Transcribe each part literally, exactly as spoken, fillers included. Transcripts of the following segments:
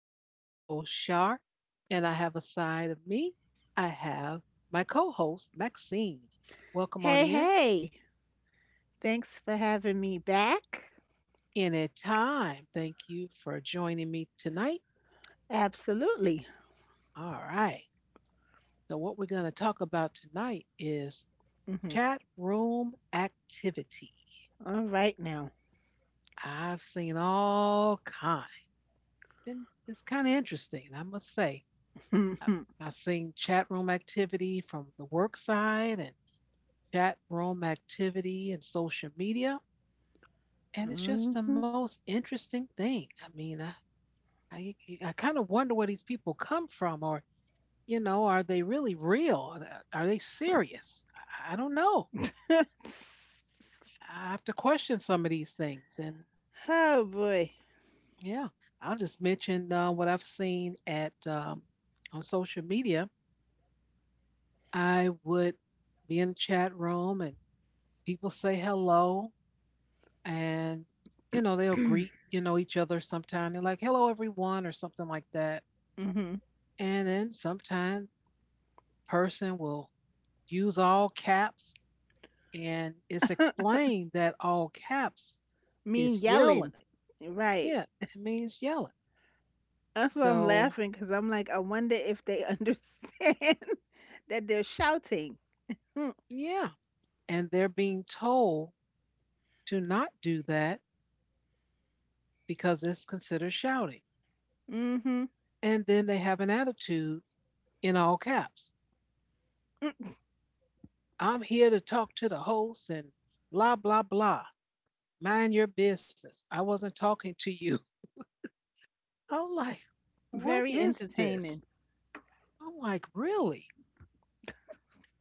I am your host, Shar, and I have a side of me. I have my co host, Maxine. Welcome on Hey, in hey. Thanks for having me back. anytime. Thank you for joining me tonight. Absolutely. All right. So, what we're going to talk about tonight is Mhm. chat room activity. All right now. I've seen all kinds, and it's kind of interesting, I must say. I- have seen chat room activity from the work side and chat room activity and social media. And it's just the Mhm. most interesting thing. I mean, I, I, I kind of wonder where these people come from, or, you know, are they really real? Are they serious? I, I don't know. I have to question some of these things. And Oh boy. yeah, I'll just mention uh, what I've seen at um, on social media. I would be in a chat room and people say hello and you know they'll greet you know each other. Sometime they're like hello everyone or something like that. Hmm. And then sometimes person will use all caps, and it's explained that all caps Mean is yelling. yelling. Yeah, Right. it means yelling. That's why I'm So laughing because I'm like, I wonder if they understand that they're shouting. yeah, and they're being told to not do that because it's considered shouting. Mm-hmm. And then they have an attitude in all caps. I'm here to talk to the host and blah blah blah. Mind your business. I wasn't talking to you. I'm like, what Very is this? entertaining. I'm like, really?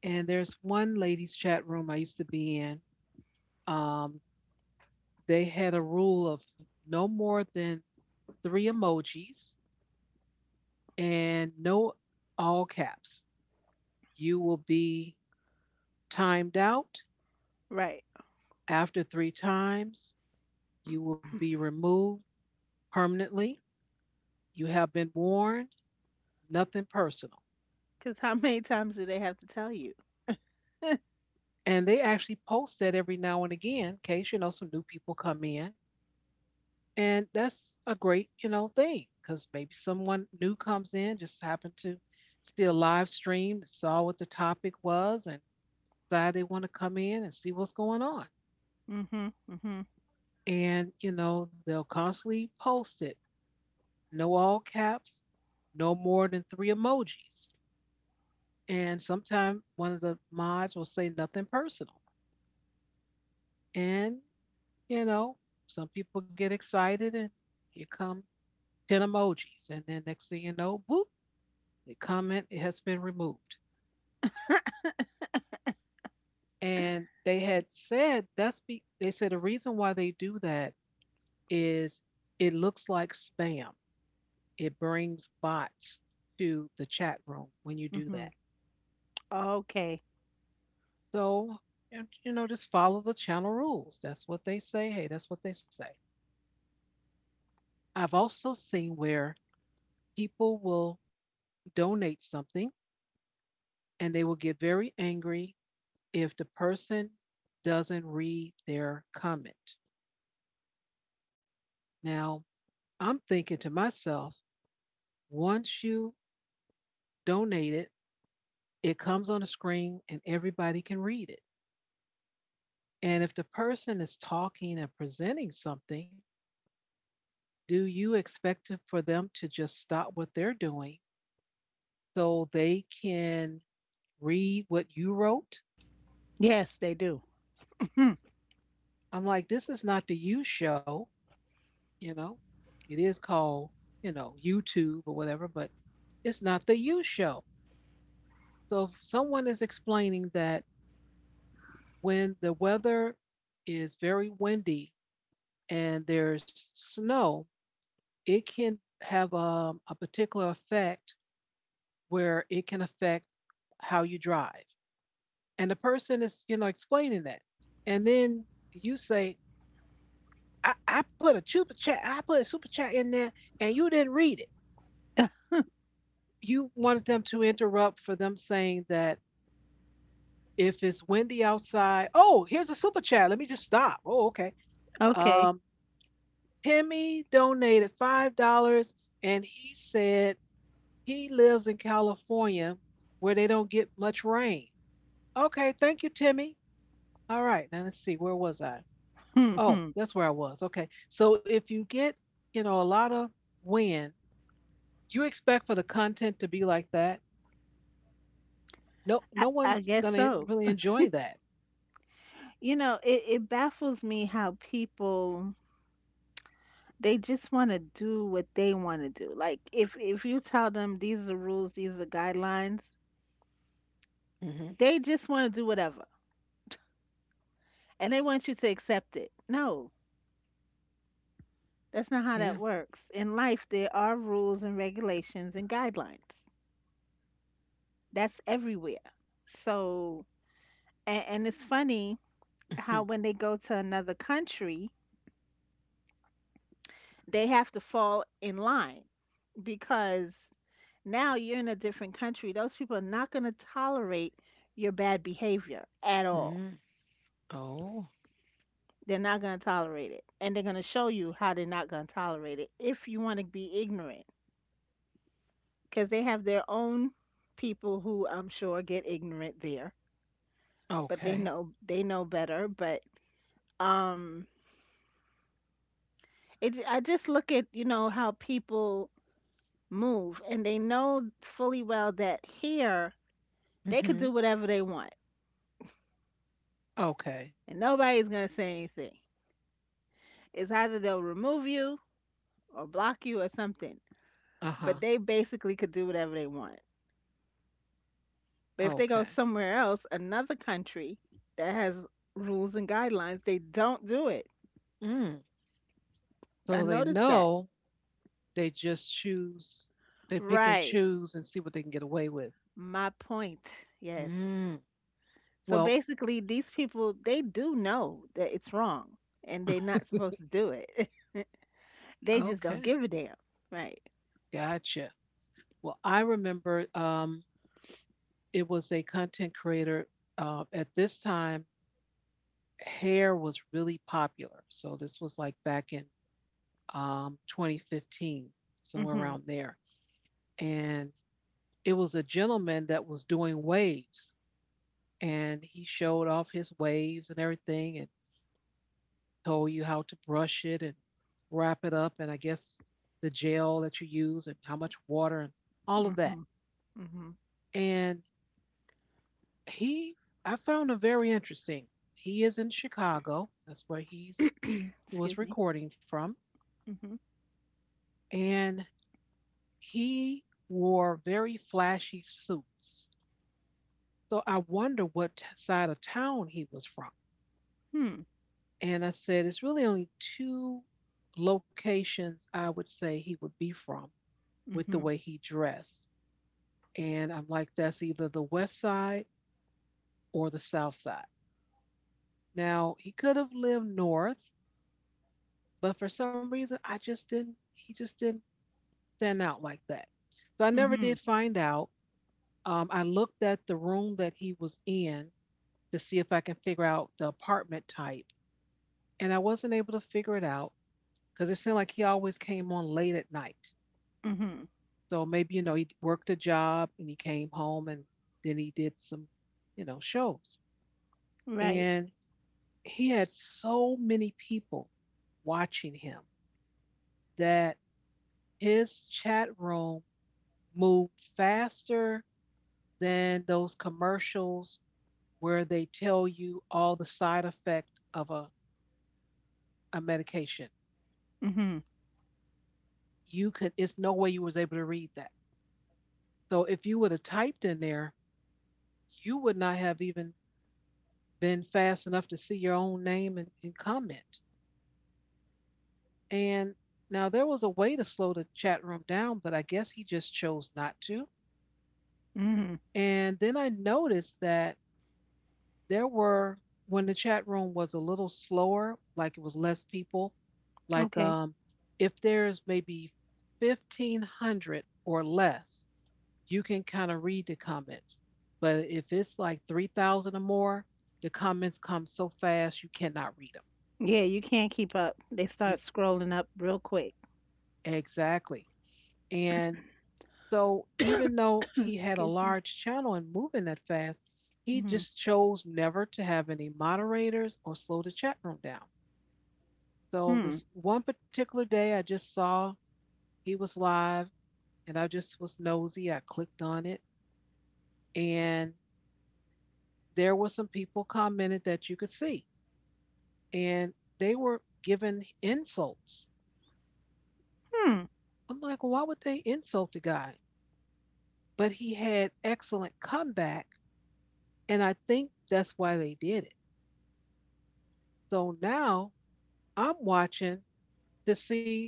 And there's one ladies' chat room I used to be in. Um, they had a rule of no more than three emojis and no all caps. You will be timed out Right. after three times. You will be removed permanently. You have been warned, nothing personal. Because how many times do they have to tell you? And they actually post that every now and again in case you know some new people come in. And that's a great you know thing because maybe someone new comes in, just happened to still live stream, saw what the topic was and decided they want to come in and see what's going on. Mm-hmm. Mm-hmm. And you know they'll constantly post it: no all caps, no more than three emojis. And sometimes one of the mods will say nothing personal. And you know, some people get excited and here come ten emojis. And then next thing you know, boop, the comment has been removed. And they had said that's be they said the reason why they do that is it looks like spam. It brings bots to the chat room when you do Mm-hmm. that. Okay. So, and, you know, just follow the channel rules. That's what they say. Hey, that's what they say. I've also seen where people will donate something and they will get very angry if the person doesn't read their comment. Now, I'm thinking to myself, once you donate it, it comes on the screen and everybody can read it. And if the person is talking and presenting something, do you expect for them to just stop what they're doing so they can read what you wrote? Yes, they do. Hmm. I'm like, this is not the you show. You know, it is called, you know, YouTube or whatever, but it's not the you show. So if someone is explaining that when the weather is very windy and there's snow, it can have um, a particular effect where it can affect how you drive. And the person is, you know, explaining that. And then you say, I, I put a super chat, I put a super chat in there and you didn't read it. You wanted them to interrupt for them saying that if it's windy outside, oh, here's a super chat. Let me just stop. Oh, okay. Okay. Um, Timmy donated five dollars, and he said he lives in California where they don't get much rain. Okay, thank you, Timmy. All right, now let's see. Where was I? Hmm. Oh, Hmm. that's where I was. Okay, so if you get you know a lot of wind, you expect for the content to be like that. No, I, no I one's guess gonna so. really enjoy that. You know, it, it baffles me how people they just want to do what they want to do. Like if if you tell them these are the rules, these are the guidelines, Mm-hmm. they just want to do whatever and they want you to accept it. No, that's not how Yeah. that works. In life, there are rules and regulations and guidelines. That's everywhere. So, and, and it's funny how Mm-hmm. when they go to another country, they have to fall in line because now you're in a different country. Those people are not going to tolerate your bad behavior at all. Mm-hmm. Oh. They're not going to tolerate it. And they're going to show you how they're not going to tolerate it if you want to be ignorant because they have their own people who I'm sure get ignorant there, but they Okay. know they know better, but um it I just look at, you know, how people move and they know fully well that here they could Mm-hmm. do whatever they want Okay. and nobody's gonna say anything. It's either they'll remove you or block you or something. But Uh-huh. they basically could do whatever they want. But if they go Okay. somewhere else, another country that has rules and guidelines, they don't do it. Mm. I So they noticed that. know they just choose, they pick and Right. choose and see what they can get away with. My point. Yes. Mm. So Well, basically, these people, they do know that it's wrong and they're not supposed to do it. They just don't okay. give a damn. Right. Gotcha. Well, I remember um, it was a content creator. Uh, at this time, hair was really popular. So this was like back in um, twenty fifteen, somewhere Mm around hmm. there. And it was a gentleman that was doing waves, and he showed off his waves and everything, and told you how to brush it and wrap it up, and I guess the gel that you use and how much water and all of Mm that. hmm. Mm hmm. And he, I found him very interesting. He is in Chicago. That's where he's he was Excuse me. recording from, Mm hmm. and he wore very flashy suits. So I wonder what t- side of town he was from. Hmm. And I said, it's really only two locations I would say he would be from with the Mhm. way he dressed. And I'm like, that's either the west side or the south side. Now, he could have lived north, but for some reason, I just didn't, he just didn't stand out like that. So I never Mhm. did find out. Um, I looked at the room that he was in to see if I can figure out the apartment type, and I wasn't able to figure it out because it seemed like he always came on late at night. Mhm. So maybe, you know, he worked a job and he came home and then he did some, you know, shows. Right. And he had so many people watching him that his chat room moved faster than those commercials where they tell you all the side effect of a, a medication. Mhm. You could, it's no way you was able to read that. So if you would have typed in there, you would not have even been fast enough to see your own name and, and comment. And now there was a way to slow the chat room down, but I guess he just chose not to. Mhm. And then I noticed that there were, when the chat room was a little slower, like it was less people, like Okay. um, if there's maybe fifteen hundred or less, you can kind of read the comments. But if it's like three thousand or more, the comments come so fast you cannot read them. Yeah, you can't keep up. They You start scrolling up real quick. exactly. And so even though he had a Excuse me. large channel and moving that fast, he Mhm. just chose never to have any moderators or slow the chat room down. So Hmm. this one particular day I just saw he was live and I just was nosy. I clicked on it and there were some people commented that you could see and they were giving insults. Hmm. I'm like, why would they insult the guy? But he had excellent comeback. And I think that's why they did it. So now I'm watching to see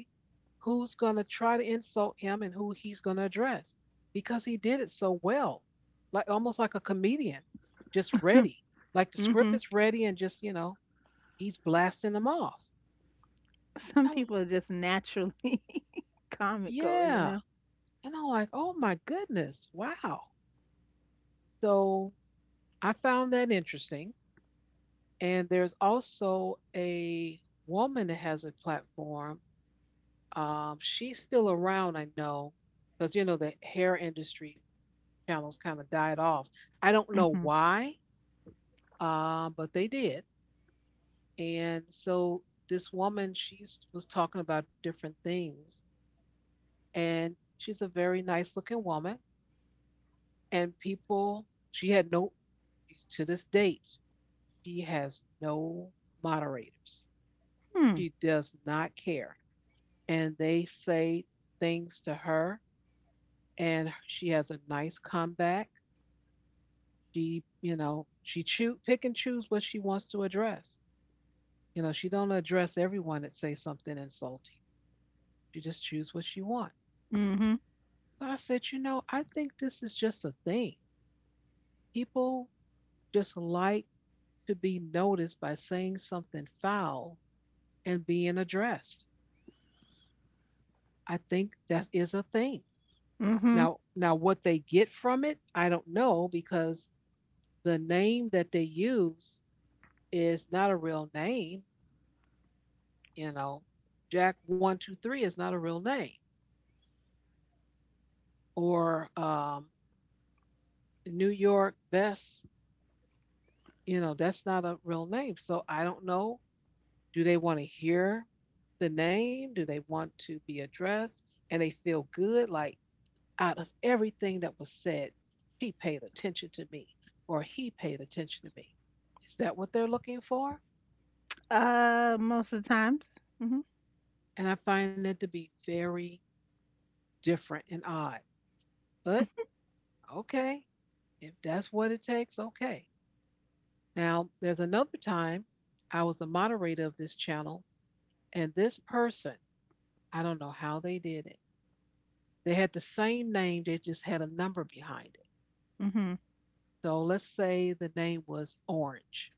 who's going to try to insult him and who he's going to address because he did it so well, like almost like a comedian, just ready. Like the script Mhm. is ready and just, you know, he's blasting them off. Some I'm, people are just naturally comical, you yeah. know. And I'm like, oh my goodness, wow. So I found that interesting. And there's also a woman that has a platform. Um, she's still around, I know, because you know the hair industry channels kind of died off. I don't know Mhm. why, um, but they did. And so this woman, she was talking about different things, and she's a very nice looking woman. And people, she had no, to this date, she has no moderators. Hmm. She does not care. And they say things to her, and she has a nice comeback. She, you know, she choose pick and choose what she wants to address. You know, she don't address everyone that say something insulting. She just choose what she want. Mhm. So I said, you know, I think this is just a thing. People just like to be noticed by saying something foul and being addressed. I think that is a thing. Mhm. Now, now what they get from it, I don't know because the name that they use is not a real name. You know, Jack One Two Three is not a real name, or um, New York Best. You know, that's not a real name. So I don't know. Do they want to hear the name? Do they want to be addressed? And they feel good, like out of everything that was said, she paid attention to me, or he paid attention to me. Is that what they're looking for? Uh, most of the times. Mhm. And I find that to be very different and odd. But okay, if that's what it takes, okay. Now, there's another time I was the moderator of this channel, and this person, I don't know how they did it. They had the same name, they just had a number behind it. Mhm. So let's say the name was Orange.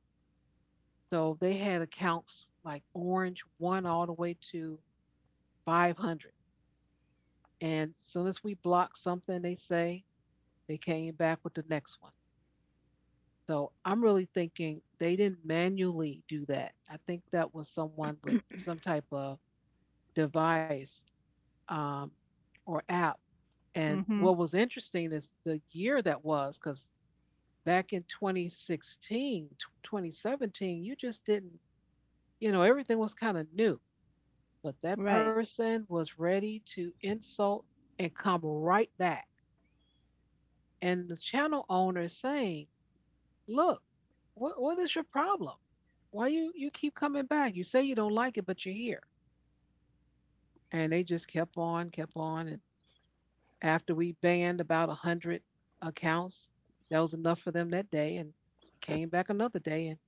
So they had accounts like Orange one all the way to five hundred. And as soon as we blocked something they say, they came back with the next one. So I'm really thinking they didn't manually do that. I think that was someone with some type of device um, or app. And Mhm. what was interesting is the year that was, because back in twenty sixteen, twenty seventeen, you just didn't, you know, everything was kind of new, but that Right. person was ready to insult and come right back. And the channel owner is saying, look, what, what is your problem? Why you, you keep coming back? You say you don't like it, but you're here. And they just kept on, kept on. And after we banned about one hundred accounts, that was enough for them that day. And came back another day and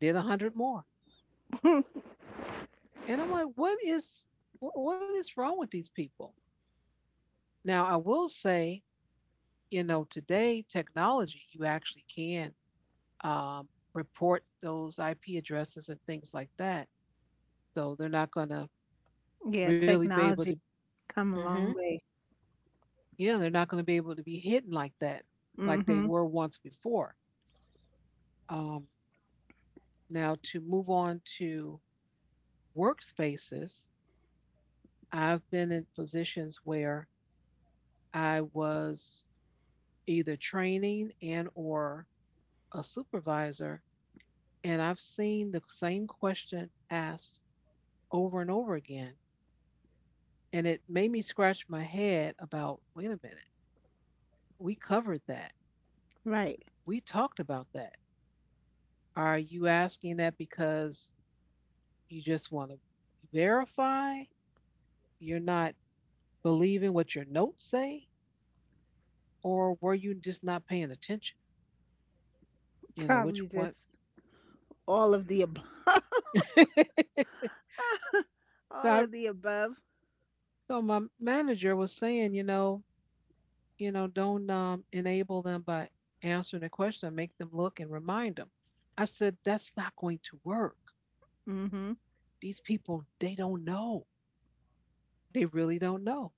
did one hundred more. And I'm like, what is what is wrong with these people? Now, I will say, you know, today technology, you actually can um, report those I P addresses and things like that. So they're not going to Yeah, really be able to, technology come a hmm, long way. yeah, they're not going to be able to be hidden like that, like they Mhm. were once before. Um, now, to move on to workspaces, I've been in positions where I was either training and or a supervisor, and I've seen the same question asked over and over again, and it made me scratch my head about, wait a minute, we covered that, Right. we talked about that, are you asking that because you just want to verify, you're not believing what your notes say, or were you just not paying attention, you know which Probably one? just all of the So, all I, of the above. so my manager was saying, you know, you know, don't um, enable them by answering the question. Make them look and remind them. I said that's not going to work. Hmm. These people, they don't know. They really don't know.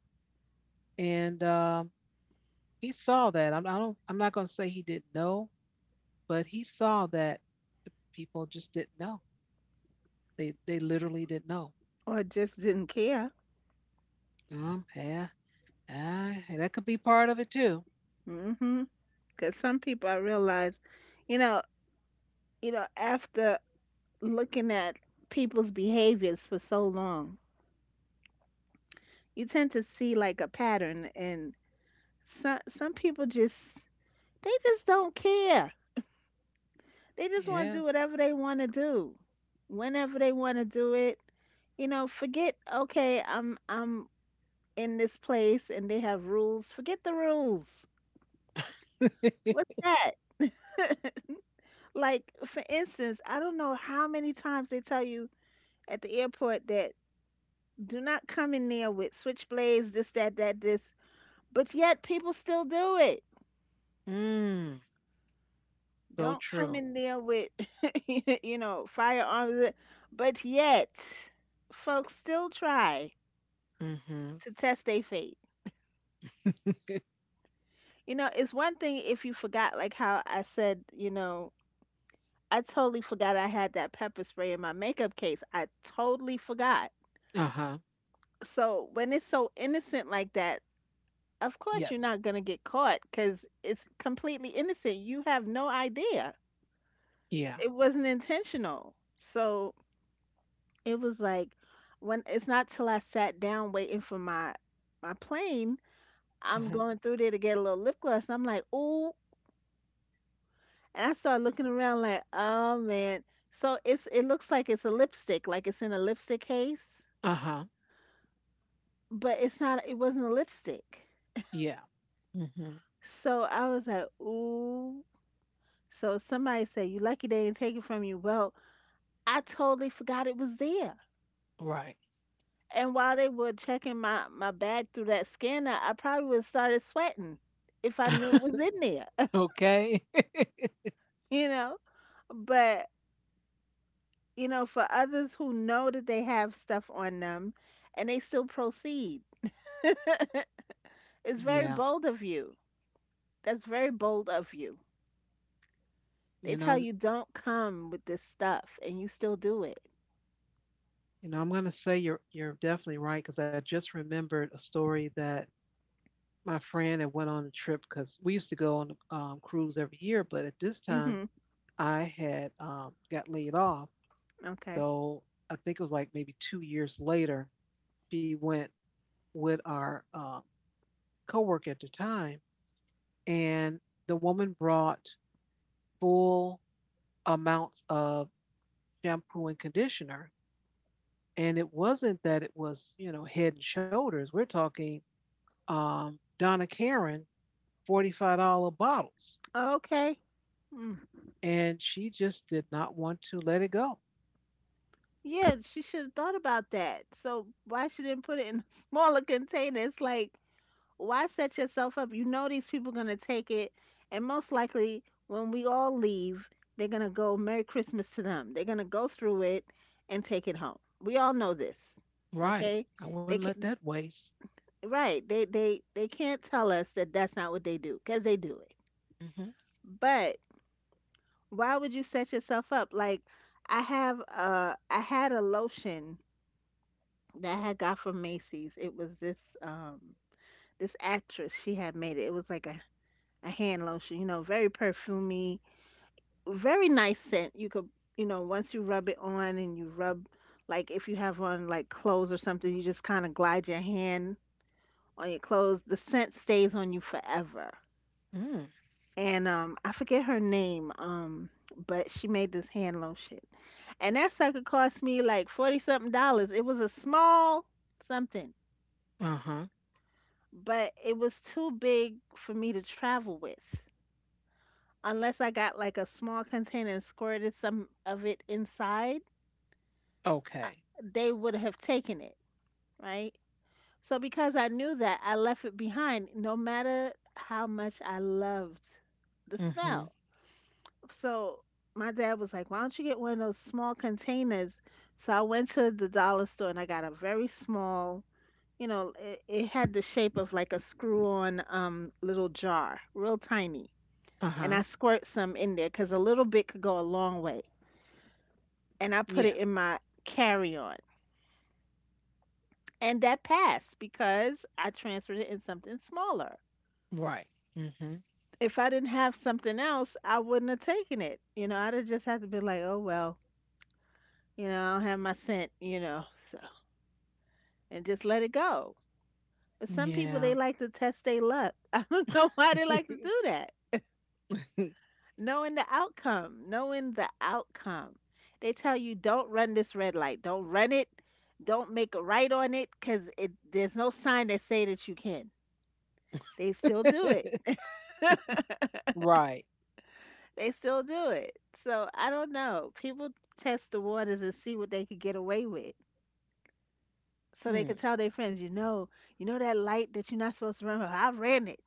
And um, he saw that. I'm, I don't. I'm not going to say he didn't know, but he saw that the people just didn't know. They they literally didn't know. Or just didn't care. Mm, yeah, ah, that could be part of it too. Hmm. Because some people I realize, you know, you know, after looking at people's behaviors for so long, you tend to see like a pattern, and some some people just they just don't care. They just want to Yeah. do whatever they want to do, whenever they want to do it. You know, forget okay, I'm I'm in this place and they have rules. Forget the rules. What's that? Like, for instance, I don't know how many times they tell you at the airport that do not come in there with switchblades, this, that, that, this, but yet people still do it. mm. So Don't come true. in there with, you know, firearms, but yet folks still try Mm-hmm. to test their fate. You know, it's one thing if you forgot, like how I said, you know, I totally forgot I had that pepper spray in my makeup case. I totally forgot. Uh-huh. So when it's so innocent like that, of course, you're Yes. not gonna get caught 'cause it's completely innocent. You have no idea. Yeah. It wasn't intentional. So it was like when it's not till I sat down waiting for my my plane, I'm Uh-huh. going through there to get a little lip gloss and I'm like, ooh, and I start looking around like, oh man. So it's it looks like it's a lipstick, like it's in a lipstick case, Uh-huh. but it's not it wasn't a lipstick. Yeah. Mm-hmm. So I was like, ooh. So somebody said, "You lucky they didn't take it from you." Well, I totally forgot it was there. Right. And while they were checking my, my bag through that scanner, I probably would have started sweating if I knew it was in there, okay. you know? But, you know, for others who know that they have stuff on them and they still proceed, it's very yeah. bold of you. That's very bold of you. They You tell know, you don't come with this stuff and you still do it. you know, I'm gonna say you're you're definitely right because I just remembered a story that my friend had went on a trip because we used to go on a um, cruise every year, but at this time Hmm. I had um, got laid off. Okay. So I think it was like maybe two years later she went with our um, coworker at the time and the woman brought full amounts of shampoo and conditioner. And it wasn't that it was, you know, head and shoulders. We're talking um, Donna Karen forty-five dollars bottles. Okay. Mm. And she just did not want to let it go. Yeah, she should have thought about that. So why she didn't put it in a smaller container? It's like, why set yourself up? You know these people gonna take it, and most likely when we all leave, they're gonna go Merry Christmas to them. They're gonna go through it and take it home. We all know this, Right. okay? I wouldn't They let can that waste. right. They they they can't tell us that that's not what they do because they do it. Mm-hmm. But why would you set yourself up? Like I have uh I had a lotion that I had got from Macy's. It was this um this actress. She had made it. It was like a, a hand lotion, you know, very perfumey, very nice scent. You could you know, once you rub it on and you rub like if you have on like clothes or something, you just kinda glide your hand on your clothes. The scent stays on you forever. Mm. And um I forget her name, um, but she made this hand lotion. And that sucker cost me like forty something dollars. It was a small something Uh huh. but it was too big for me to travel with. Unless I got like a small container and squirted some of it inside, uh, Okay. they would have taken it, right? So because I knew that, I left it behind no matter how much I loved the Mm-hmm. smell. So my dad was like, "Why don't you get one of those small containers?" So I went to the dollar store and I got a very small, you know, it, it had the shape of like a screw-on um little jar, real tiny, Uh and I huh. squirt some in there because a little bit could go a long way. And I put it Yeah. in my carry on. And that passed because I transferred it in something smaller. Right. Mm-hmm. If I didn't have something else, I wouldn't have taken it. You know, I'd have just had to be like, oh, well, you know, I don't have my scent, you know, so, and just let it go. But some people, Yeah. they like to test their luck. I don't know why they like to do that. Knowing the outcome, knowing the outcome. They tell you don't run this red light, don't run it, don't make a right on it, cause it there's no sign that say that you can. They still do it. right. They still do it. So I don't know. People test the waters and see what they could get away with. So they could Hmm. tell their friends, you know, you know that light that you're not supposed to run. Well, I ran it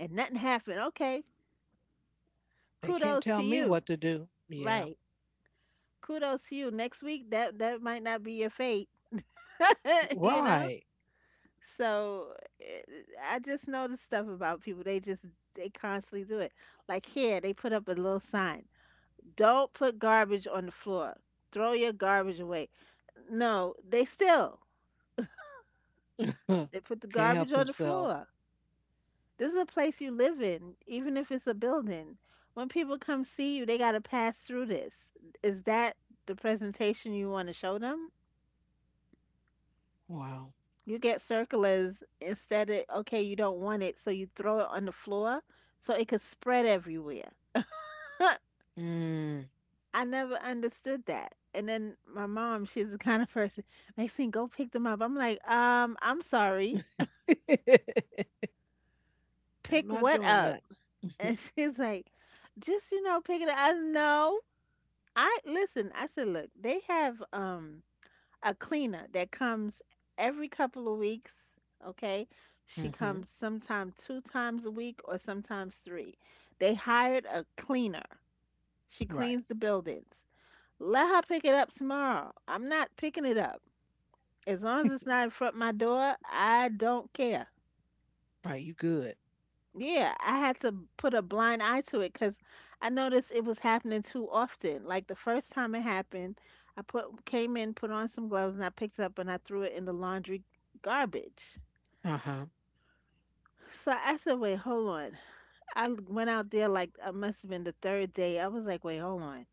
and nothing happened. Okay, They can't kudos to tell me you. what to do. Yeah. Right. Kudos to you. Next week that that might not be your fate. You know? Right. So eh, I just know the stuff about people. They just they constantly do it. Like here, they put up a little sign. Don't put garbage on the floor. Throw your garbage away. No, they still they put the can't help garbage on the themselves. floor. This is a place you live in, even if it's a building. When people come see you, they got to pass through this. Is that the presentation you want to show them? Wow. You get circulars instead of, okay, you don't want it, so you throw it on the floor so it could spread everywhere. Mm. I never understood that. And then my mom, she's the kind of person, Maxine, go pick them up. I'm like, um, I'm sorry. I'm Pick not what doing up? that. And she's like, just, you know, pick it up. I know. I listen, I said, look, they have um a cleaner that comes every couple of weeks. Okay. She hmm. comes sometime two times a week or sometimes three. They hired a cleaner. She Right. cleans the buildings. Let her pick it up tomorrow. I'm not picking it up. As long as it's not in front of my door, I don't care. Right. You good. Yeah, I had to put a blind eye to it because I noticed it was happening too often. Like the first time it happened, I put came in, put on some gloves, and I picked it up and I threw it in the laundry garbage. Uh huh. So I said, "Wait, hold on." I l- went out there like it must have been the third day. I was like, "Wait, hold on.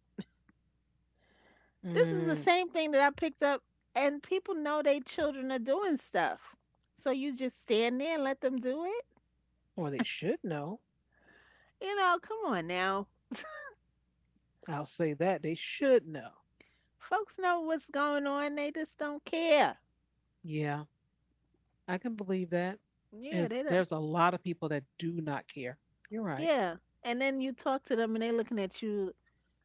This is the Mm. same thing that I picked up, and people know they children are doing stuff. So you just stand there and let them do it? Or they should know. You know, come on now. I'll say that they should know. Folks know what's going on. They just don't care." Yeah, I can believe that. Yeah, It's they there's don't. a lot of people that do not care. You're right. Yeah, and then you talk to them and they looking at you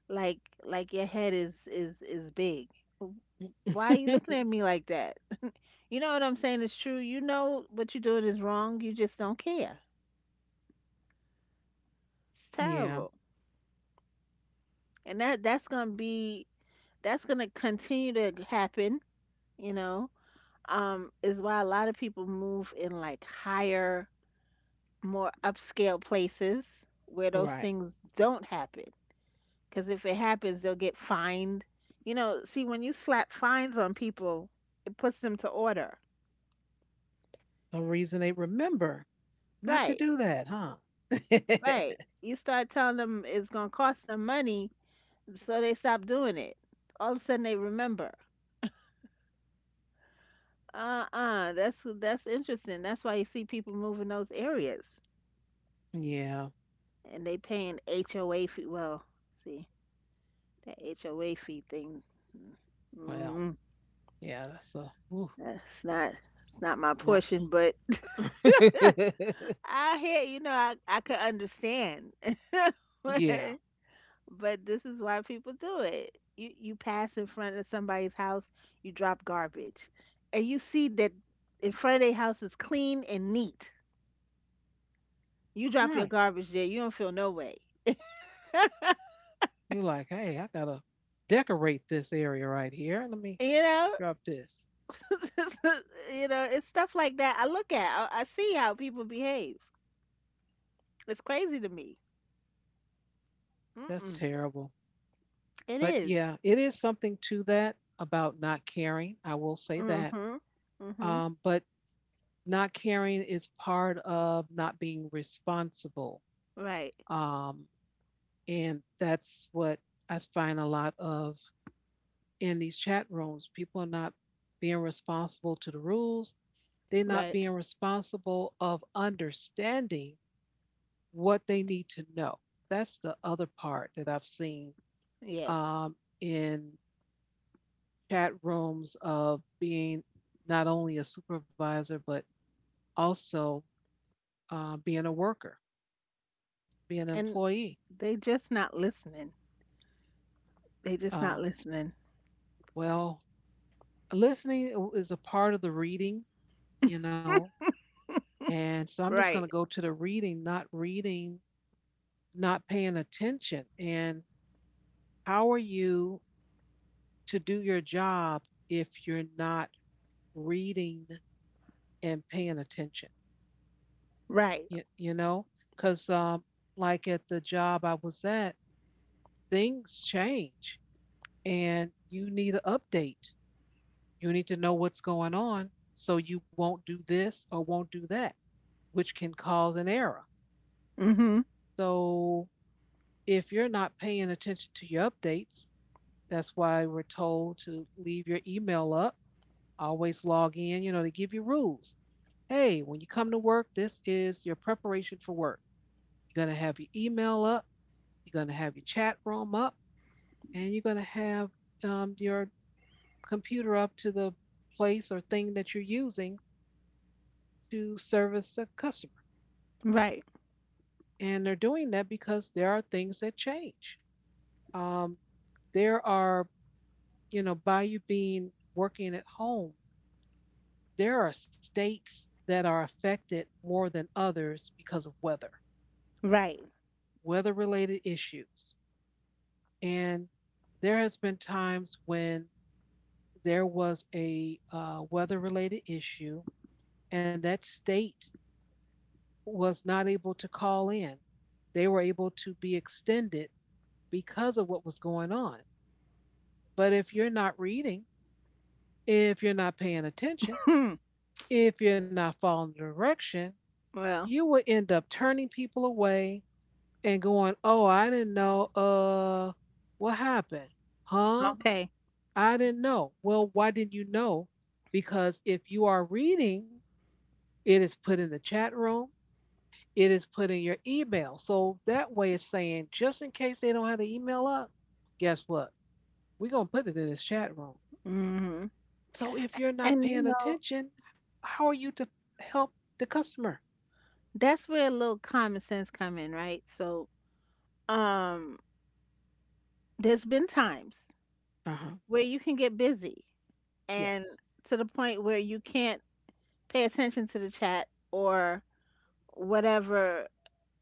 like like your head is is is big. W- Why are you looking at me like that? You know what I'm saying is true. You know what you're doing is wrong. You just don't care. It's yeah. terrible, and that that's gonna be that's gonna continue to happen. You know, um, is why a lot of people move in like higher, more upscale places where those Right. things don't happen. Because if it happens, they'll get fined. You know, see, when you slap fines on people, it puts them to order. The reason they remember not to Right, do that, huh? right. You start telling them it's going to cost them money, so they stop doing it. All of a sudden, they remember. Uh-uh, that's that's interesting. That's why you see people move in those areas, Yeah. and they paying H O A fee. Well, see that H O A fee thing. Mm, mm, Well, mm, yeah, that's a ooh, that's not it's not my not portion, but I hear, you know, I, I could understand. But, yeah. but this is why people do it. You you pass in front of somebody's house, you drop garbage. And you see that in front of their house is clean and neat. You drop your Right. garbage there, you don't feel no way. You're like, hey, I gotta decorate this area right here. Let me You know? drop this. You know, it's stuff like that I look at. I, I see how people behave. It's crazy to me. That's Mm-mm. terrible. It But is. yeah, it is something to that about not caring. I will say that. Mm-hmm. Mm-hmm. Um, but not caring is part of not being responsible. Right. Um, and that's what I find a lot of in these chat rooms. People are not being responsible to the rules. They're not Right. being responsible of understanding what they need to know. That's the other part that I've seen Yes. um, in chat rooms of being not only a supervisor, but also uh, being a worker, being an And employee. they just not listening. They just not Um, listening. well, listening is a part of the reading, you know, and so I'm just going to Right. go to the reading, not reading, not paying attention. And how are you to do your job if you're not reading and paying attention? Right. You, you know, because um, like at the job I was at, things change and you need an update. You need to know what's going on so you won't do this or won't do that, which can cause an error. Mm-hmm. So if you're not paying attention to your updates, that's why we're told to leave your email up. Always log in. You know, they give you rules. Hey, when you come to work, this is your preparation for work. You're going to have your email up, you're going to have your chat room up, and you're going to have um, your computer up to the place or thing that you're using to service the customer. Right. And they're doing that because there are things that change. Um, there are, you know, by you being working at home, there are states that are affected more than others because of weather. Right. Weather related issues. And there has been times when there was a uh, weather related issue and that state was not able to call in. They were able to be extended because of what was going on. But if you're not reading, if you're not paying attention, Hmm. if you're not following the direction, Well, you will end up turning people away and going, "Oh, I didn't know. Uh, what happened? Huh? okay. I didn't know." Well, why didn't you know? Because if you are reading, it is put in the chat room, it is put in your email. So that way it's saying, just in case they don't have the email up, guess what? We're going to put it in this chat room. Mm-hmm. So if you're not And you paying know, attention, how are you to help the customer? that's where a little common sense come in, right? So, um, there's been times Uh huh. where you can get busy and Yes. to the point where you can't pay attention to the chat or whatever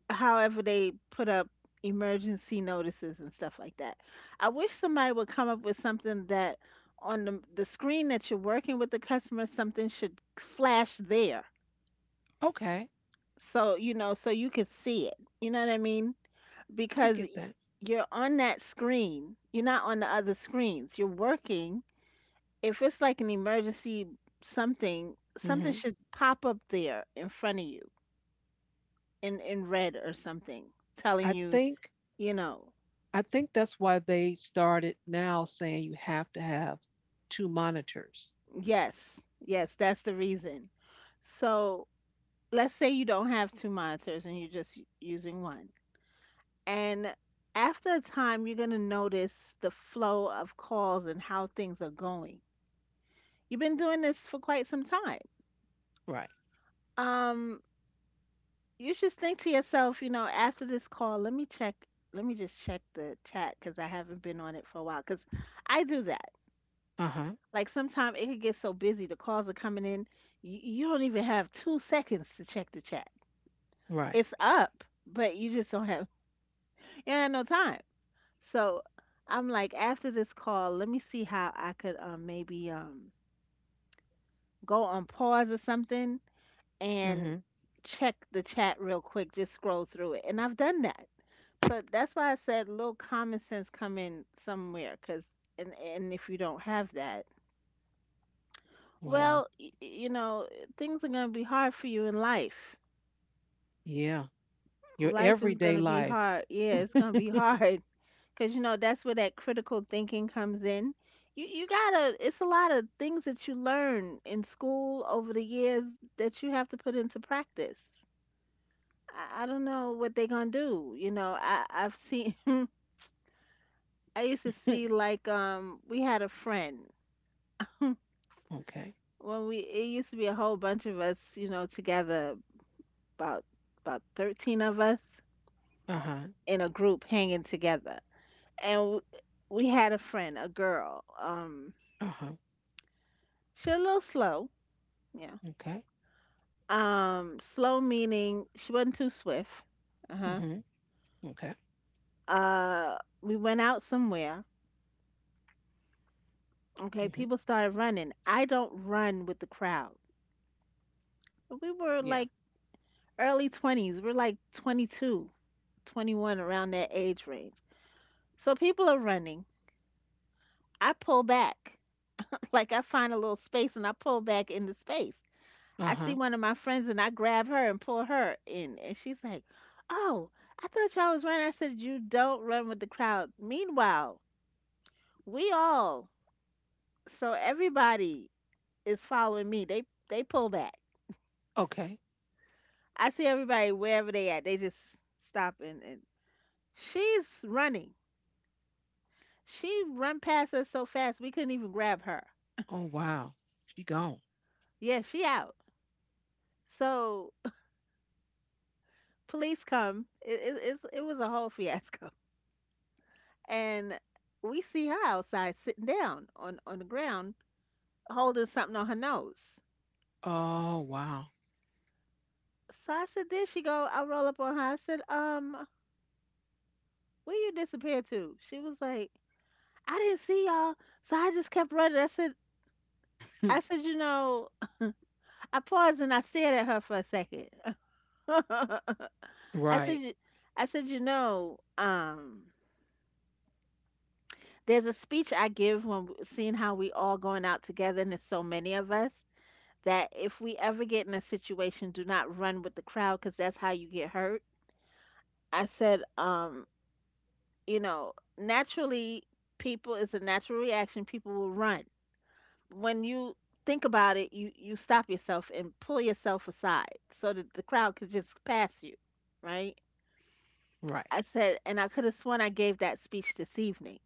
however they put up emergency notices and stuff like that. I wish somebody would come up with something that on the, the screen that you're working with the customer, something should flash there. Okay. So, you know, so you can see it. You know what I mean? I Because y- get that. you're on that screen, you're not on the other screens. You're working. If it's like an emergency something, something Mm-hmm. should pop up there in front of you in, in red or something I telling you, think you know, I think that's why they started now saying you have to have two monitors. yes, yes, that's the reason. So let's say you don't have two monitors and you're just u- using one. And after a time, you're going to notice the flow of calls and how things are going. You've been doing this for quite some time. Right. Um, you should think to yourself, you know, after this call, let me check, let me just check the chat because I haven't been on it for a while. Because I do that. Uh huh. Like sometimes it could get so busy, the calls are coming in, you, you don't even have two seconds to check the chat. Right. It's up, but you just don't have you don't have no time. So I'm like, after this call, let me see how I could um maybe um go on pause or something and Hmm. check the chat real quick, just scroll through it. And I've done that. So that's why I said little common sense come in somewhere, cause and and if you don't have that, well, Well, y- y- you know, things are gonna be hard for you in life. yeah. Your Life is everyday gonna be life. hard. Yeah, it's gonna be hard. Because you know that's where that critical thinking comes in. You you gotta. It's a lot of things that you learn in school over the years that you have to put into practice. I, I don't know what they're gonna do. You know, I I've seen. I used to okay. see like um we had a friend when we it used to be a whole bunch of us you know together about about thirteen of us Uh huh. in a group hanging together and w- we had a friend, a girl, um Uh huh. she a little slow. Yeah. Okay. Um, slow meaning she wasn't too swift. Uh-huh. Hmm. Okay. Uh, we went out somewhere. Okay, Hmm. people started running. I don't run with the crowd. We were Yeah. like early twenties. We're like twenty two, twenty one around that age range. So people are running. I pull back. Like I find a little space and I pull back into space. Uh I see huh. one of my friends and I grab her and pull her in. And she's like, "Oh, I thought y'all was running." I said, "You don't run with the crowd." Meanwhile, We all, so everybody is following me. They they pull back. Okay. I see everybody wherever they at. They just stop and, and she's running. She run past us so fast we couldn't even grab her. Oh wow. She gone. Yeah, she out. So police come. It it, it's, it was a whole fiasco, and we see her outside sitting down on on the ground holding something on her nose. Oh wow. So I said, there she go. I roll up on her. I said, um, where you disappeared to? She was like, I didn't see y'all, so I just kept running. I said, Hmm. I said, you know, I paused and I stared at her for a second. I Right. said, "You- I said, you know, um, there's a speech I give when w- seeing how we all going out together and there's so many of us that if we ever get in a situation, do not run with the crowd because that's how you get hurt. I said, um, you know, naturally, people it's a natural reaction. People will run when you think about it, you you stop yourself and pull yourself aside so that the crowd could just pass you, right? Right. I said, and I could have sworn I gave that speech this evening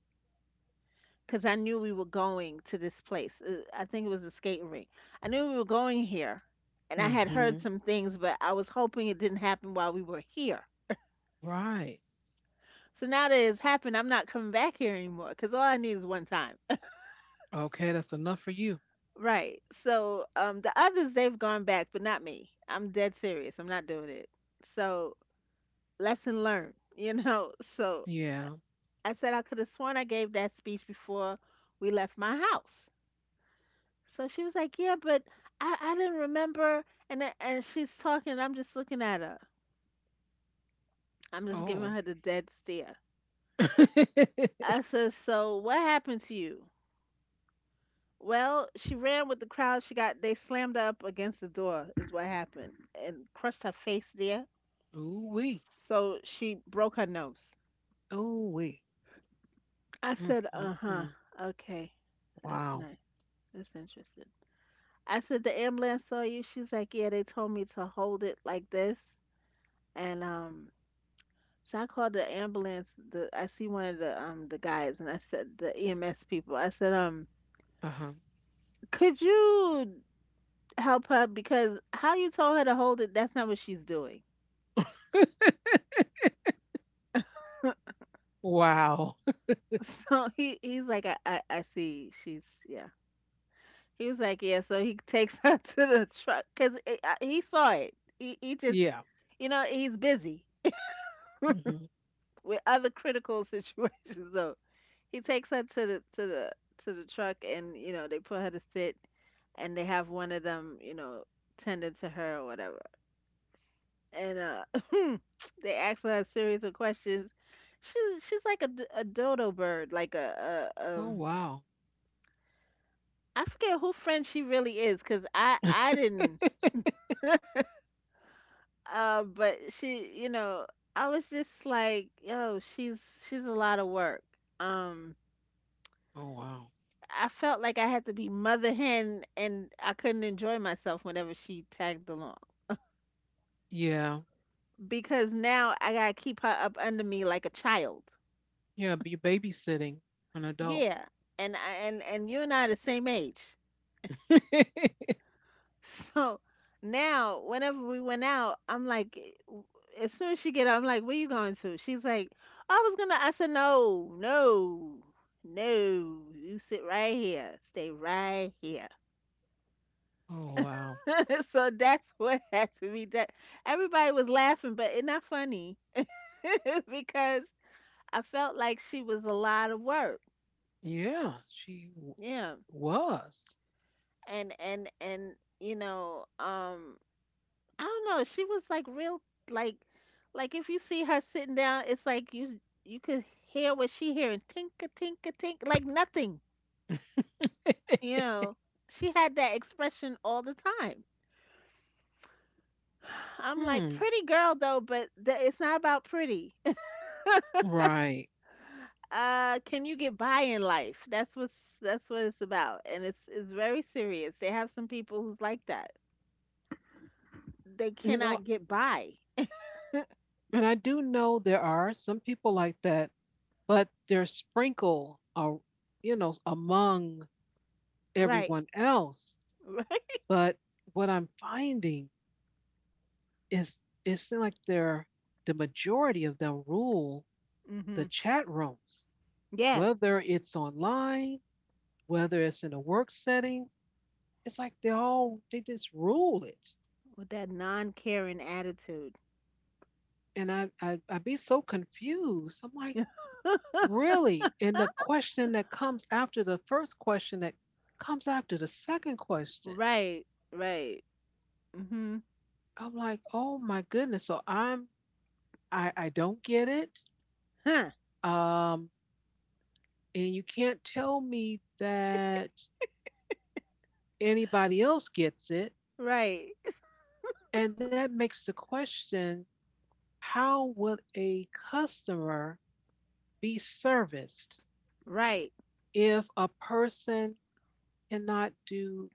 because I knew we were going to this place. Uh, I think it was a skating rink. I knew we were going here, and I had Hmm. heard some things, but I was hoping it didn't happen while we were here. Right. So now that it's happened, I'm not coming back here anymore because all I need is one time. Okay. That's enough for you. Right. So um the others they've gone back, but not me. I'm dead serious. I'm not doing it. So lesson learned, you know. So Yeah. I said I could have sworn I gave that speech before we left my house. So she was like, yeah, but I, I didn't remember and I- and she's talking and I'm just looking at her. I'm just Oh. giving her the dead stare. I said, so what happened to you? Well, she ran with the crowd. She got they slammed her up against the door is what happened and crushed her face there. Ooh wee. So she broke her nose. Ooh wee. I said, Mm-mm-mm. "Uh-huh. Okay. That's Wow. nice. That's interesting." I said, "The ambulance saw you." She's like, "Yeah, they told me to hold it like this." And um so I called the ambulance. The I see one of the um the guys and I said the E M S people. I said, "Um, Uh huh. could you help her because how you told her to hold it, that's not what she's doing." Wow. So he he's like, "I I, I see. She's yeah." He was like, yeah. So he takes her to the truck because he saw it. He, he just, yeah. you know, he's busy Hmm. with other critical situations. So he takes her to the to the to the truck, and you know, they put her to sit, and they have one of them, you know, tended to her or whatever. And uh, they ask her a series of questions. She's she's like a, d- a dodo bird, like a, a Oh um. wow. I forget who friend she really is, cause I I didn't. Uh, but she, you know, I was just like, yo, she's she's a lot of work. Um, Oh wow. I felt like I had to be mother hen, and I couldn't enjoy myself whenever she tagged along Yeah. because now I gotta keep her up under me like a child. Yeah, be babysitting an adult. Yeah, and I and and you and I are the same age. oh So now, whenever we went out, I'm like, eh, w- as soon as she get up, I'm like, where you going to? She's like, I was gonna. I said, no, no, no. You sit right here. Stay right here. wow. So that's what had to be done. Everybody was laughing, but it's not funny because I felt like she was a lot of work. Yeah, she w- Yeah, was. and and and you know, um, I don't know. She was like real like like if you see her sitting down, it's like you you could hear what she hearing tinka tinka tink like nothing. You know, she had that expression all the time. I'm like hmm. pretty girl though, but th- it's not about pretty. Right. Uh, can you get by in life? That's what's that's what it's about, and it's it's very serious. They have some people who's like that. They You know, cannot get by. and I do know there are some people like that, but they're sprinkled or you know, among Right. everyone else. Right. But what I'm finding is it seems like they're the majority of them rule Hmm. the chat rooms. Yeah, Whether it's online, whether it's in a work setting, it's like they all they just rule it. with that non-caring attitude. And I I I'd be so confused. I'm like, really? And the question that comes after the first question that comes after the second question. Right, right. Mm-hmm. I'm like, oh my goodness. So I'm I I don't get it. Huh. Um, and you can't tell me that anybody else gets it. Right, And that makes the question, how would a customer be serviced right. if a person cannot do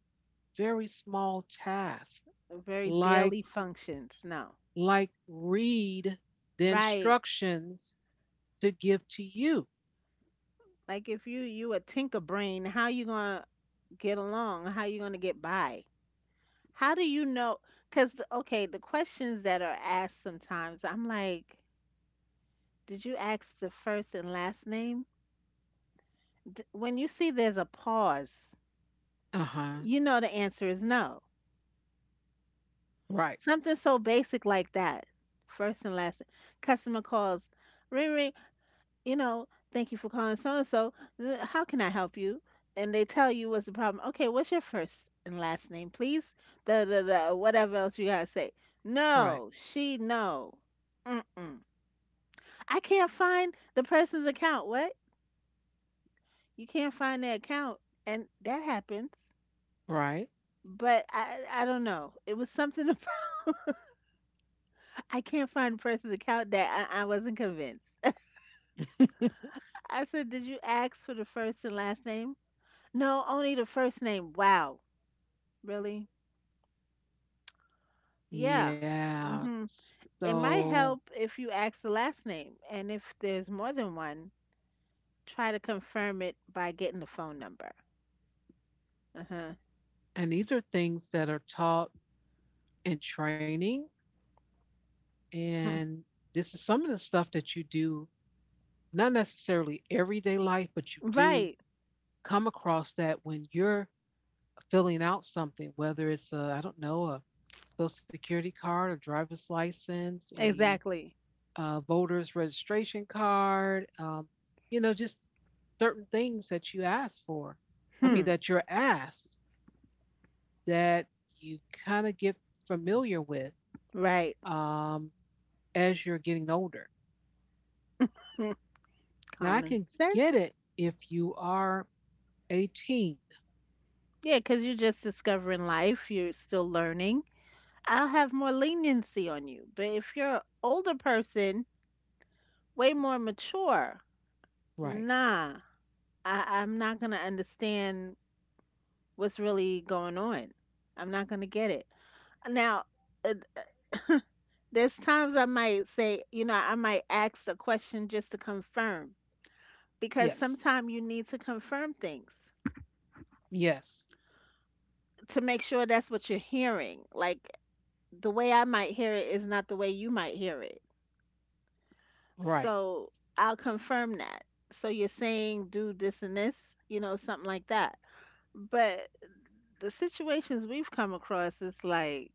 very small tasks Very like daily functions. No. like read the Right. instructions to give to you? Like if you you a tinker brain, how you gonna get along? How you gonna get by? How do you know? Cause okay, the questions that are asked sometimes, I'm like, did you ask the first and last name? D- when you see there's a pause, Uh-huh. you know the answer is no. Right, Something so basic like that. First and last customer calls, ring ring, you know, thank you for calling so and so. How can I help you? And they tell you what's the problem. Okay, what's your first and last name, please? Da da da. Whatever else you gotta say. right, No, she no. Mm-mm. I can't find the person's account. What? You can't find their account, and that happens. right. But I I don't know. It was something about I can't find the person's account that I, I wasn't convinced. I said, did you ask for the first and last name? No, only the first name. Wow. Really? Yeah. Yeah. Hmm. It might So, help if you ask the last name. And if there's more than one, try to confirm it by getting the phone number. Uh-huh. and these are things that are taught in training. Hmm. And this is some of the stuff that you do, not necessarily everyday life, but you do Right. come across that when you're filling out something, whether it's a, I don't know, a social security card, a driver's license, a Exactly. uh voter's registration card, um, you know, just certain things that you ask for. I mean, Hmm. that you're asked that you kind of get familiar with Right. um, as you're getting older. Hmm. Now, I Common can get sense. it if you are eighteen. Yeah, because you're just discovering life, you're still learning. I'll have more leniency on you. But if you're an older person, way more mature, Right. nah, I, I'm not gonna understand what's really going on. I'm not gonna get it. Now, uh, there's times I might say, you know, I might ask a question just to confirm because Yes. sometimes you need to confirm things Yes. to make sure that's what you're hearing. Like the way I might hear it is not the way you might hear it. Right. So I'll confirm that. So you're saying do this and this, you know, something like that. But the situations we've come across is like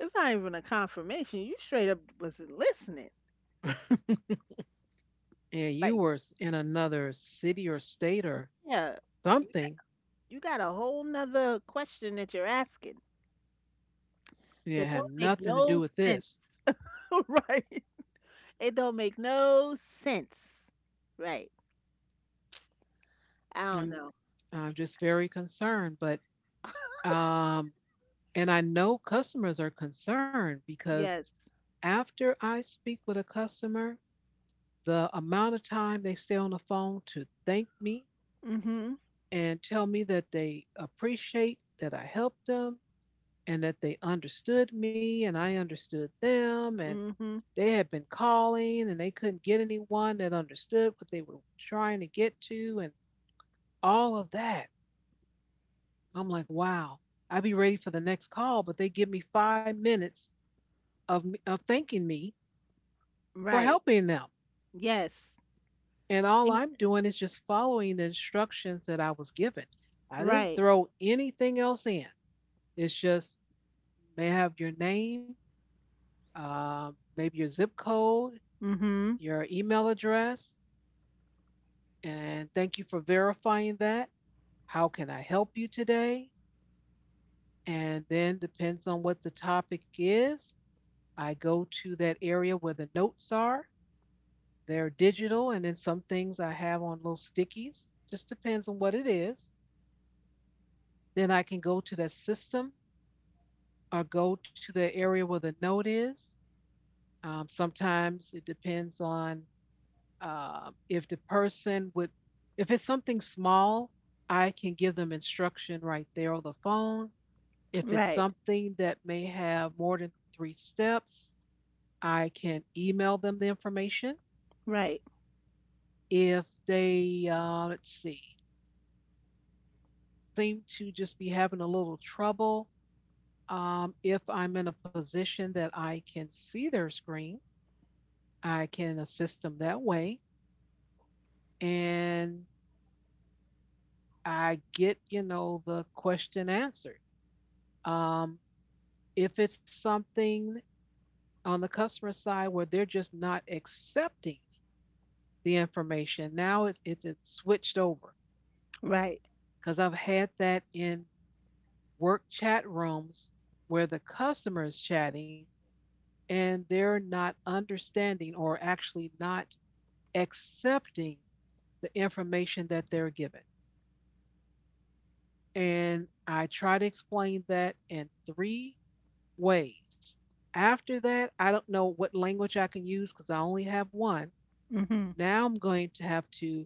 it's not even a confirmation. You straight up wasn't listening. and you Like, were s- in another city or state or yeah, you got, something. you got a whole nother question that you're asking Yeah, it that had don't make nothing to do no with sense. this. Right? It don't make no sense. Right. I don't I'm know. I'm just very concerned, but um, and I know customers are concerned because Yes. after I speak with a customer, the amount of time they stay on the phone to thank me Mm. Mhm. and tell me that they appreciate that I helped them and that they understood me and I understood them and Mm. Mhm. they had been calling and they couldn't get anyone that understood what they were trying to get to and all of that. I'm like, wow, I'd be ready for the next call, but they give me five minutes of, of thanking me for Right. helping them. Yes. And all And I'm y- doing is just following the instructions that I was given. I didn't right. throw anything else in. It's just may I have your name, um, maybe your zip code, Mhm. your email address, and thank you for verifying that. How can I help you today? And then depends on what the topic is, I go to that area where the notes are. They're digital, and then some things I have on little stickies. Just depends on what it is. Then I can go to the system or go to the area where the note is. Um, sometimes it depends on uh, if the person would, if it's something small, I can give them instruction right there on the phone. If it's Right. something that may have more than three steps, I can email them the information. Right. If they, uh, let's see, seem to just be having a little trouble, um, if I'm in a position that I can see their screen, I can assist them that way. And I get, you know, the question answered. Um, if it's something on the customer side where they're just not accepting the information. Now it's it's switched over Right. because I've had that in work chat rooms where the customer is chatting and they're not understanding or actually not accepting the information that they're given. And I try to explain that in three ways. After that, I don't know what language I can use because I only have one. Mhm. Now I'm going to have to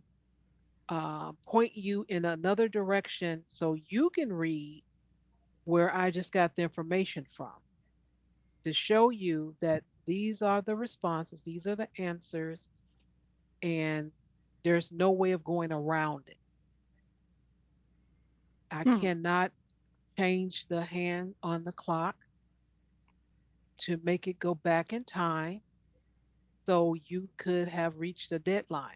uh, point you in another direction so you can read where I just got the information from to show you that these are the responses, these are the answers, and there's no way of going around it. I Hmm. cannot change the hand on the clock to make it go back in time so you could have reached a deadline.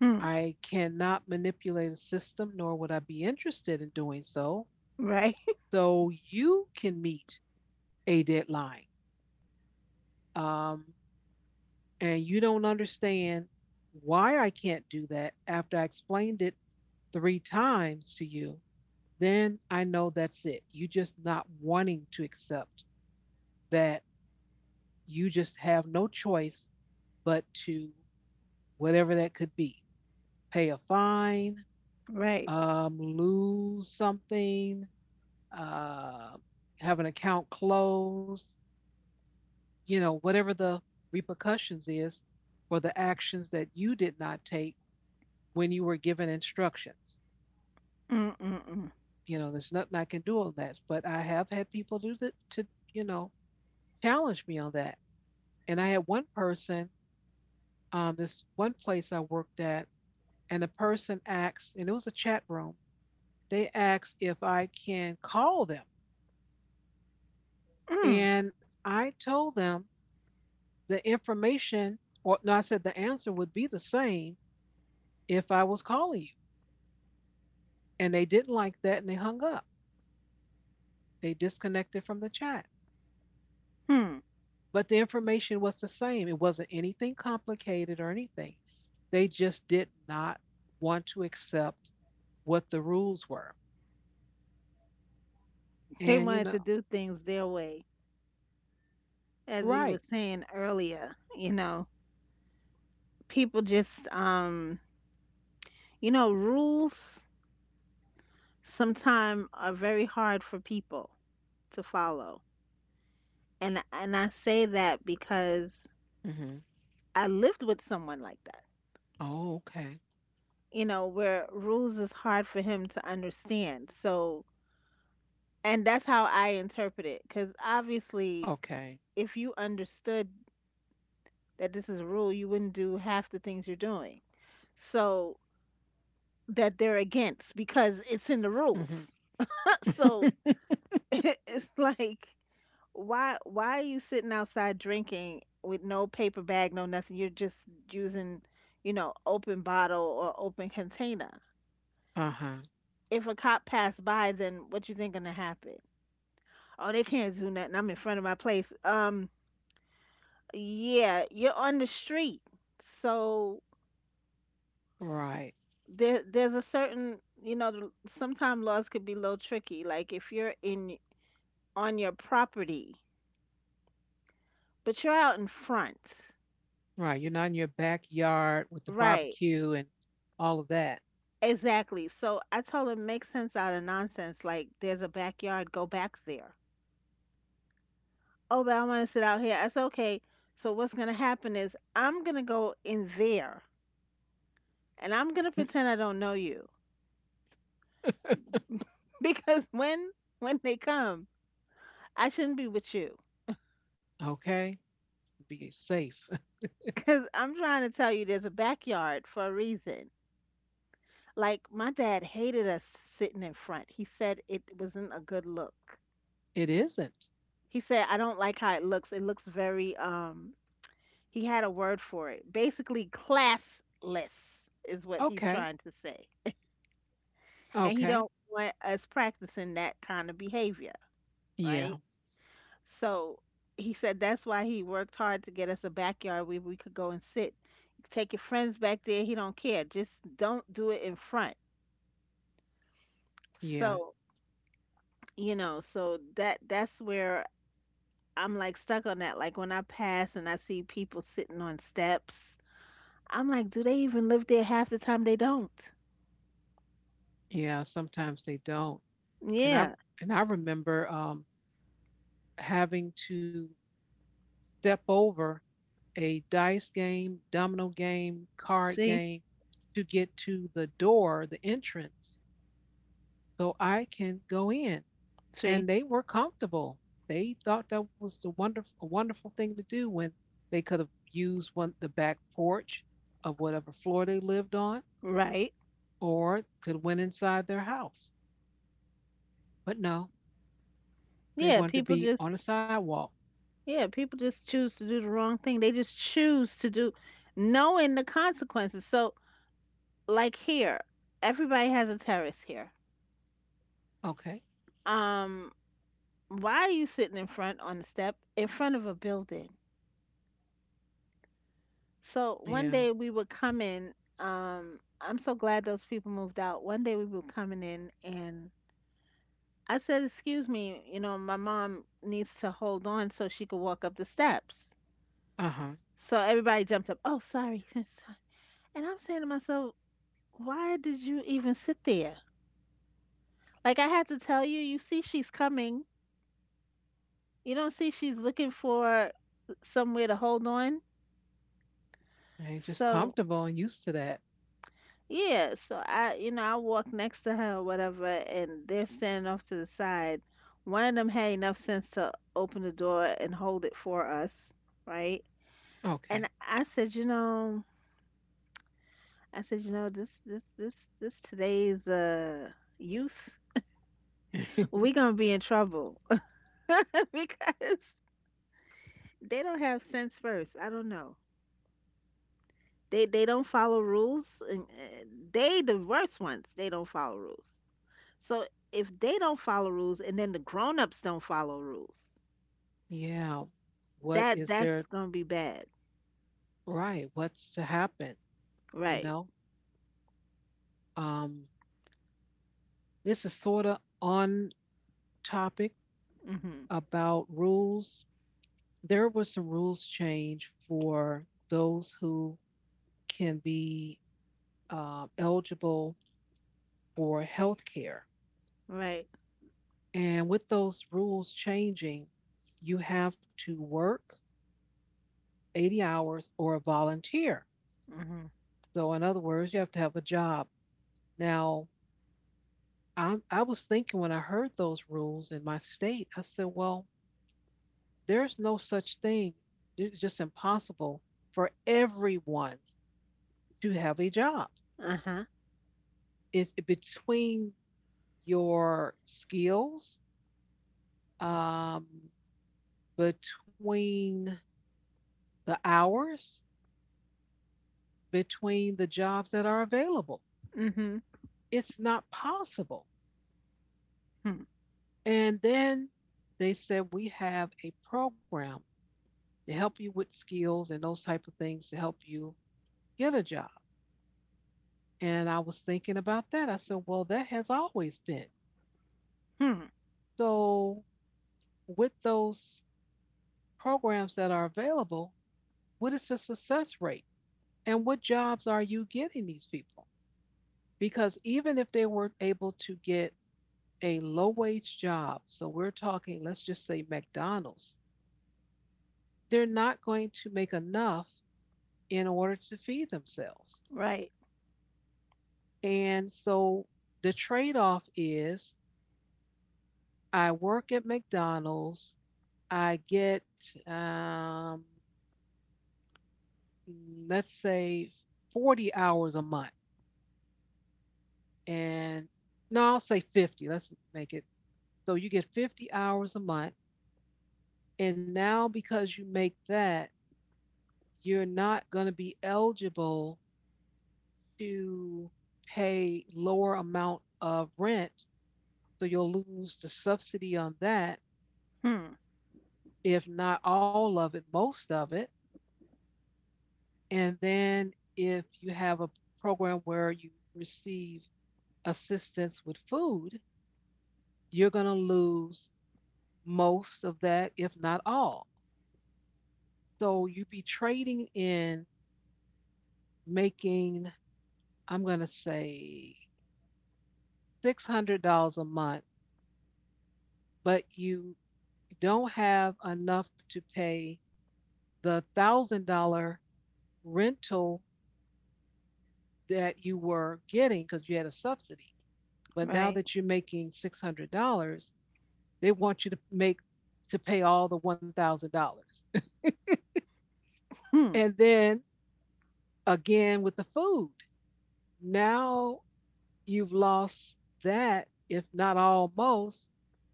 Hmm. I cannot manipulate a system, nor would I be interested in doing so. Right. So you can meet a deadline. Um, and you don't understand why I can't do that after I explained it three times to you, then I know that's it. You just not wanting to accept that you just have no choice but to whatever that could be, pay a fine, Right. um, lose something, uh, have an account closed, you know, whatever the repercussions is for the actions that you did not take when you were given instructions. Mm. Mm. Mm. You know, there's nothing I can do on that. But I have had people do that to, you know, challenge me on that. And I had one person, um, this one place I worked at, and the person asked, and it was a chat room, they asked if I can call them. Mm. And I told them the information, or no, I said the answer would be the same if I was calling you. And they didn't like that and they hung up. They disconnected from the chat. Hmm. But the information was the same. It wasn't anything complicated or anything. They just did not want to accept what the rules were. They And, you wanted to know, do things their way, as we right. were saying earlier. You know, people just, um, you know, rules sometimes are very hard for people to follow. And and I say that because Hmm. I lived with someone like that. Oh, okay. You know, where rules is hard for him to understand. So, and that's how I interpret it. Because obviously, Okay. if you understood that this is a rule, you wouldn't do half the things you're doing. So that they're against because it's in the Hmm. rules. So it's like why why are you sitting outside drinking with no paper bag, no nothing? You're just using, you know, open bottle or open container. Uh huh. If a cop passed by, then what you think gonna happen? Oh, they can't do nothing. I'm in front of my place. Um, yeah, you're on the street. So Right. there there's a certain, you know, sometimes laws could be a little tricky. Like if you're in on your property. But you're out in front. Right. You're not in your backyard with the Right. barbecue and all of that. Exactly. So I told him, make sense out of nonsense. Like, there's a backyard, go back there. Oh, but I want to sit out here. I said, okay. So what's going to happen is I'm going to go in there and I'm going to pretend I don't know you because when when they come, I shouldn't be with you. Okay. Be safe. Because I'm trying to tell you there's a backyard for a reason. Like my dad hated us sitting in front. He said it wasn't a good look. It isn't. He said, I don't like how it looks. It looks very, um, he had a word for it. Basically, classless is what he's Okay. trying to say. And he Okay. don't want us practicing that kind of behavior, right? Yeah. So he said that's why he worked hard to get us a backyard where we could go and sit. Take your friends back there. He don't care. Just don't do it in front. Yeah, So, you know, so that that's where I'm like stuck on that. Like when I pass and I see people sitting on steps, I'm like, do they even live there half the time? They don't. yeah, sometimes they don't. And I Yeah. and I remember um having to step over a dice game, domino game, card See? game to get to the door, the entrance, so I can go in. And See? they were comfortable. They thought that was the wonderful a wonderful thing to do when they could have used one the back porch of whatever floor they lived on Right. or could went inside their house. But no, they Yeah, wanted to people be on a just sidewalk. yeah, people just choose to do the wrong thing. They just choose to do knowing the consequences. So, like here, everybody has a terrace here. Okay. Um, why are you sitting in front on the step in front of a building? So, Yeah. one day we would come in um I'm so glad those people moved out. One day we were coming in and I said, "Excuse me, you know, my mom needs to hold on so she could walk up the steps." Uh huh. So everybody jumped up. Oh, sorry. Sorry. And I'm saying to myself, "Why did you even sit there?" Like I had to tell you, you see she's coming. You don't see she's looking for somewhere to hold on. And just So, comfortable and used to that. yeah, so I, you know, I walk next to her or whatever, and they're standing off to the side. One of them had enough sense to open the door and hold it for us, right? Okay. And I said, you know, I said, you know, this this this this today's uh youth, we're gonna be in trouble because they don't have sense first. I don't know. They they don't follow rules and uh, they the worst ones. They don't follow rules. So if they don't follow rules and then the grown-ups don't follow rules, Yeah. What is that there? that's gonna be bad. Right. What's to happen? You Right. know. Um. This is sort of on topic Mhm. about rules. There was some rules change for those who can be uh, eligible for health care, Right. and with those rules changing, you have to work eighty hours or volunteer. Mhm. So in other words, you have to have a job. Now, I I was thinking when I heard those rules in my state, I said, well, there's no such thing. It's just impossible for everyone to have a job. Uh-huh. It's between your skills, um, between the hours, between the jobs that are available. Mhm. It's not possible. Hmm. And then they said we have a program to help you with skills and those type of things to help you get a job. And I was thinking about that. I said, well, that has always been. Hmm. So with those programs that are available, what is the success rate? And what jobs are you getting these people? Because even if they were able to get a low wage job, so we're talking, let's just say McDonald's, they're not going to make enough in order to feed themselves. Right. And so the trade off is I work at McDonald's, I get, um, mm, let's say, forty hours a month. And no, I'll say fifty. Let's make it so you get fifty hours a month. And now, because you make that, you're not going to be eligible to pay lower amount of rent. So you'll lose the subsidy on that, Hmm. if not all of it, most of it. And then if you have a program where you receive assistance with food, you're going to lose most of that, if not all. So you'd be trading in making, I'm going to say, six hundred dollars a month, but you don't have enough to pay the one thousand dollars rental that you were getting because you had a subsidy. But now Right. that you're making six hundred dollars they want you to make to pay all the one thousand dollars. Hmm. And then again with the food. Now you've lost that, if not almost.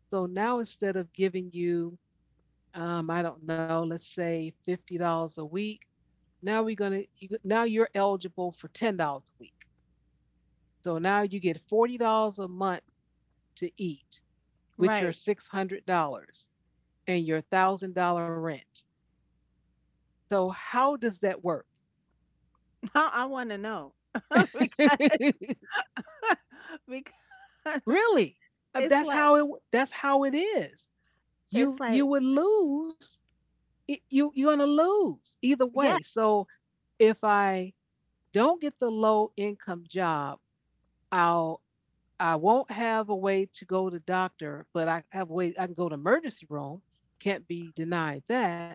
So now instead of giving you, um, I don't know, let's say fifty dollars a week, now we're gonna you, now you're eligible for ten dollars a week. So now you get forty dollars a month to eat with your Right. six hundred dollars and your one thousand dollars rent. So how does that work? Now I wanna know. Because because Really, uh, it's that's like how it. That's how it is. You it's you like would lose. It, you you're gonna lose either yeah, way. So if I don't get the low income job, I'll I won't have a way to go to doctor, but I have a way I can go to emergency room. Can't be denied that.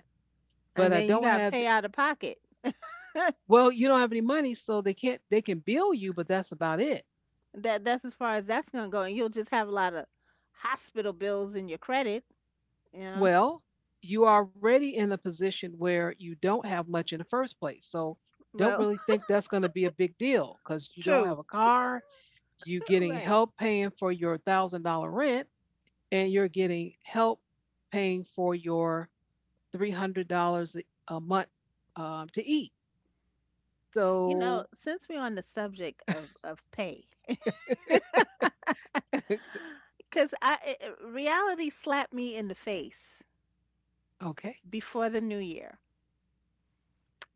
But I and then don't you gotta have. pay out of pocket. Well, you don't have any money, so they can't. They can bill you, but that's about it. That that's as far as that's gonna go, and you'll just have a lot of hospital bills in your credit, you know. Well, you are already in a position where you don't have much in the first place. So don't Well, really think that's going to be a big deal because you don't true. have a car, you getting Right. help paying for your thousand dollar rent, and you're getting help paying for your three hundred dollars a month um, to eat. You know, So since we're on the subject of of pay, because I it, it- reality slapped me in the face okay. before the new year.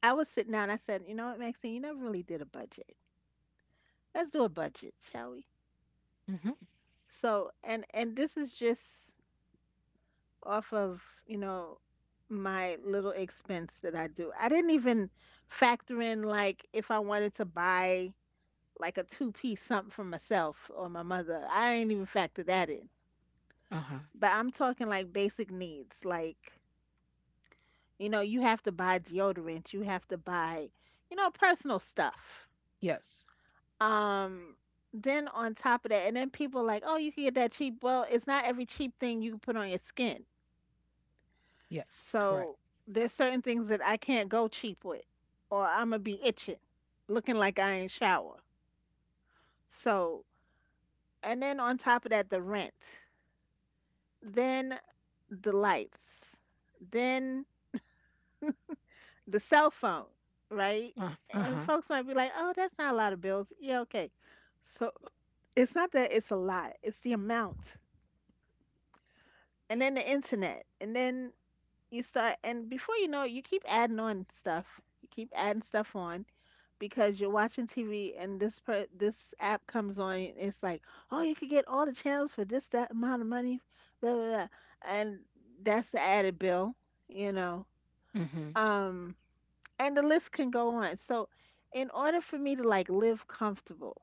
I was sitting down. I said, "You know what, Maxine? You never really did a budget." Let's do a budget, shall we? Hmm. So, and and this is just off of, you know, my little expense that I do. I didn't even factor in like if I wanted to buy like a two-piece something for myself or my mother. I ain't even factor that in. Uh-huh. But I'm talking like basic needs, like, you know, you have to buy deodorant, you have to buy, you know, personal stuff. Yes. Um, then on top of that, and then people like, oh, you can get that cheap. Well, it's not every cheap thing you can put on your skin. Yes. Correct. So there's certain things that I can't go cheap with, or I'm gonna be itching, looking like I ain't shower. So, and then on top of that, the rent, then the lights, then the cell phone, right? Uh, And uh-huh. folks might be like, oh, that's not a lot of bills. Yeah, okay. So it's not that it's a lot, it's the amount. And then the internet, and then you start, and before you know it, you keep adding on stuff, you keep adding stuff on because you're watching TV and this per- this app comes on and it's like, oh, you could get all the channels for this that amount of money, blah blah, blah. And that's the added bill, you know. Hmm. um and the list can go on. So in order for me to like live comfortable,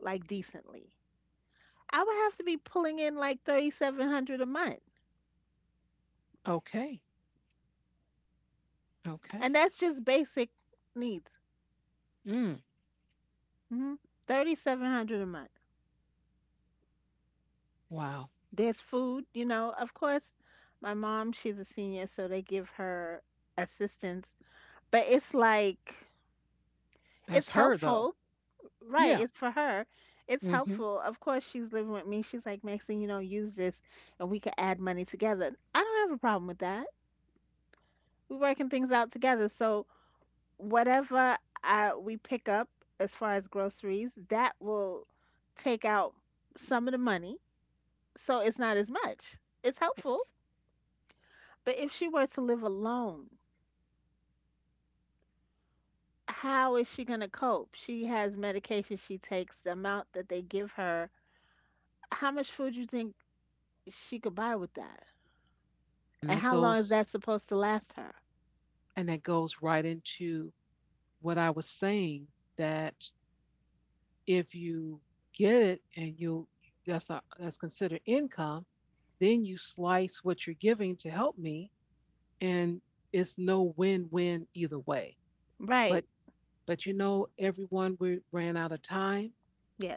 like decently, I would have to be pulling in like thirty-seven hundred a month. Okay. Okay. And that's just basic needs. Mm. Hmm. thirty-seven hundred a month. Wow. There's food, you know. Of course, my mom, she's a senior, so they give her assistance, but it's like it's That's her though. helpful. Right, Yeah. it's for her. It's Mhm. helpful. Of course, she's living with me. She's like, Maxine, you know, use this and we could add money together. I don't have a problem with that. We're working things out together. So, whatever I, we pick up as far as groceries, that will take out some of the money so it's not as much. It's helpful. But if she were to live alone, how is she going to cope? She has medication she takes, the amount that they give her. How much food do you think she could buy with that? And And that how long is that goes supposed to last her? and that goes right into what I was saying that if you get it and you that's a, that's considered income, then you slice what you're giving to help me and it's no win-win either way. But Right. but you know everyone we ran out of time.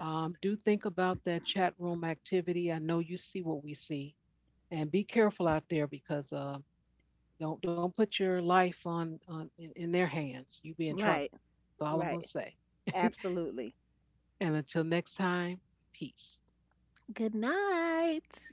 Um, do think about that chat room activity. I know you see what we see and be careful out there because uh, Don't don't put your life on, on in, in their hands. You be in trouble. Right. That's all I'm gonna Right. say. Absolutely. And until next time, peace. Good night.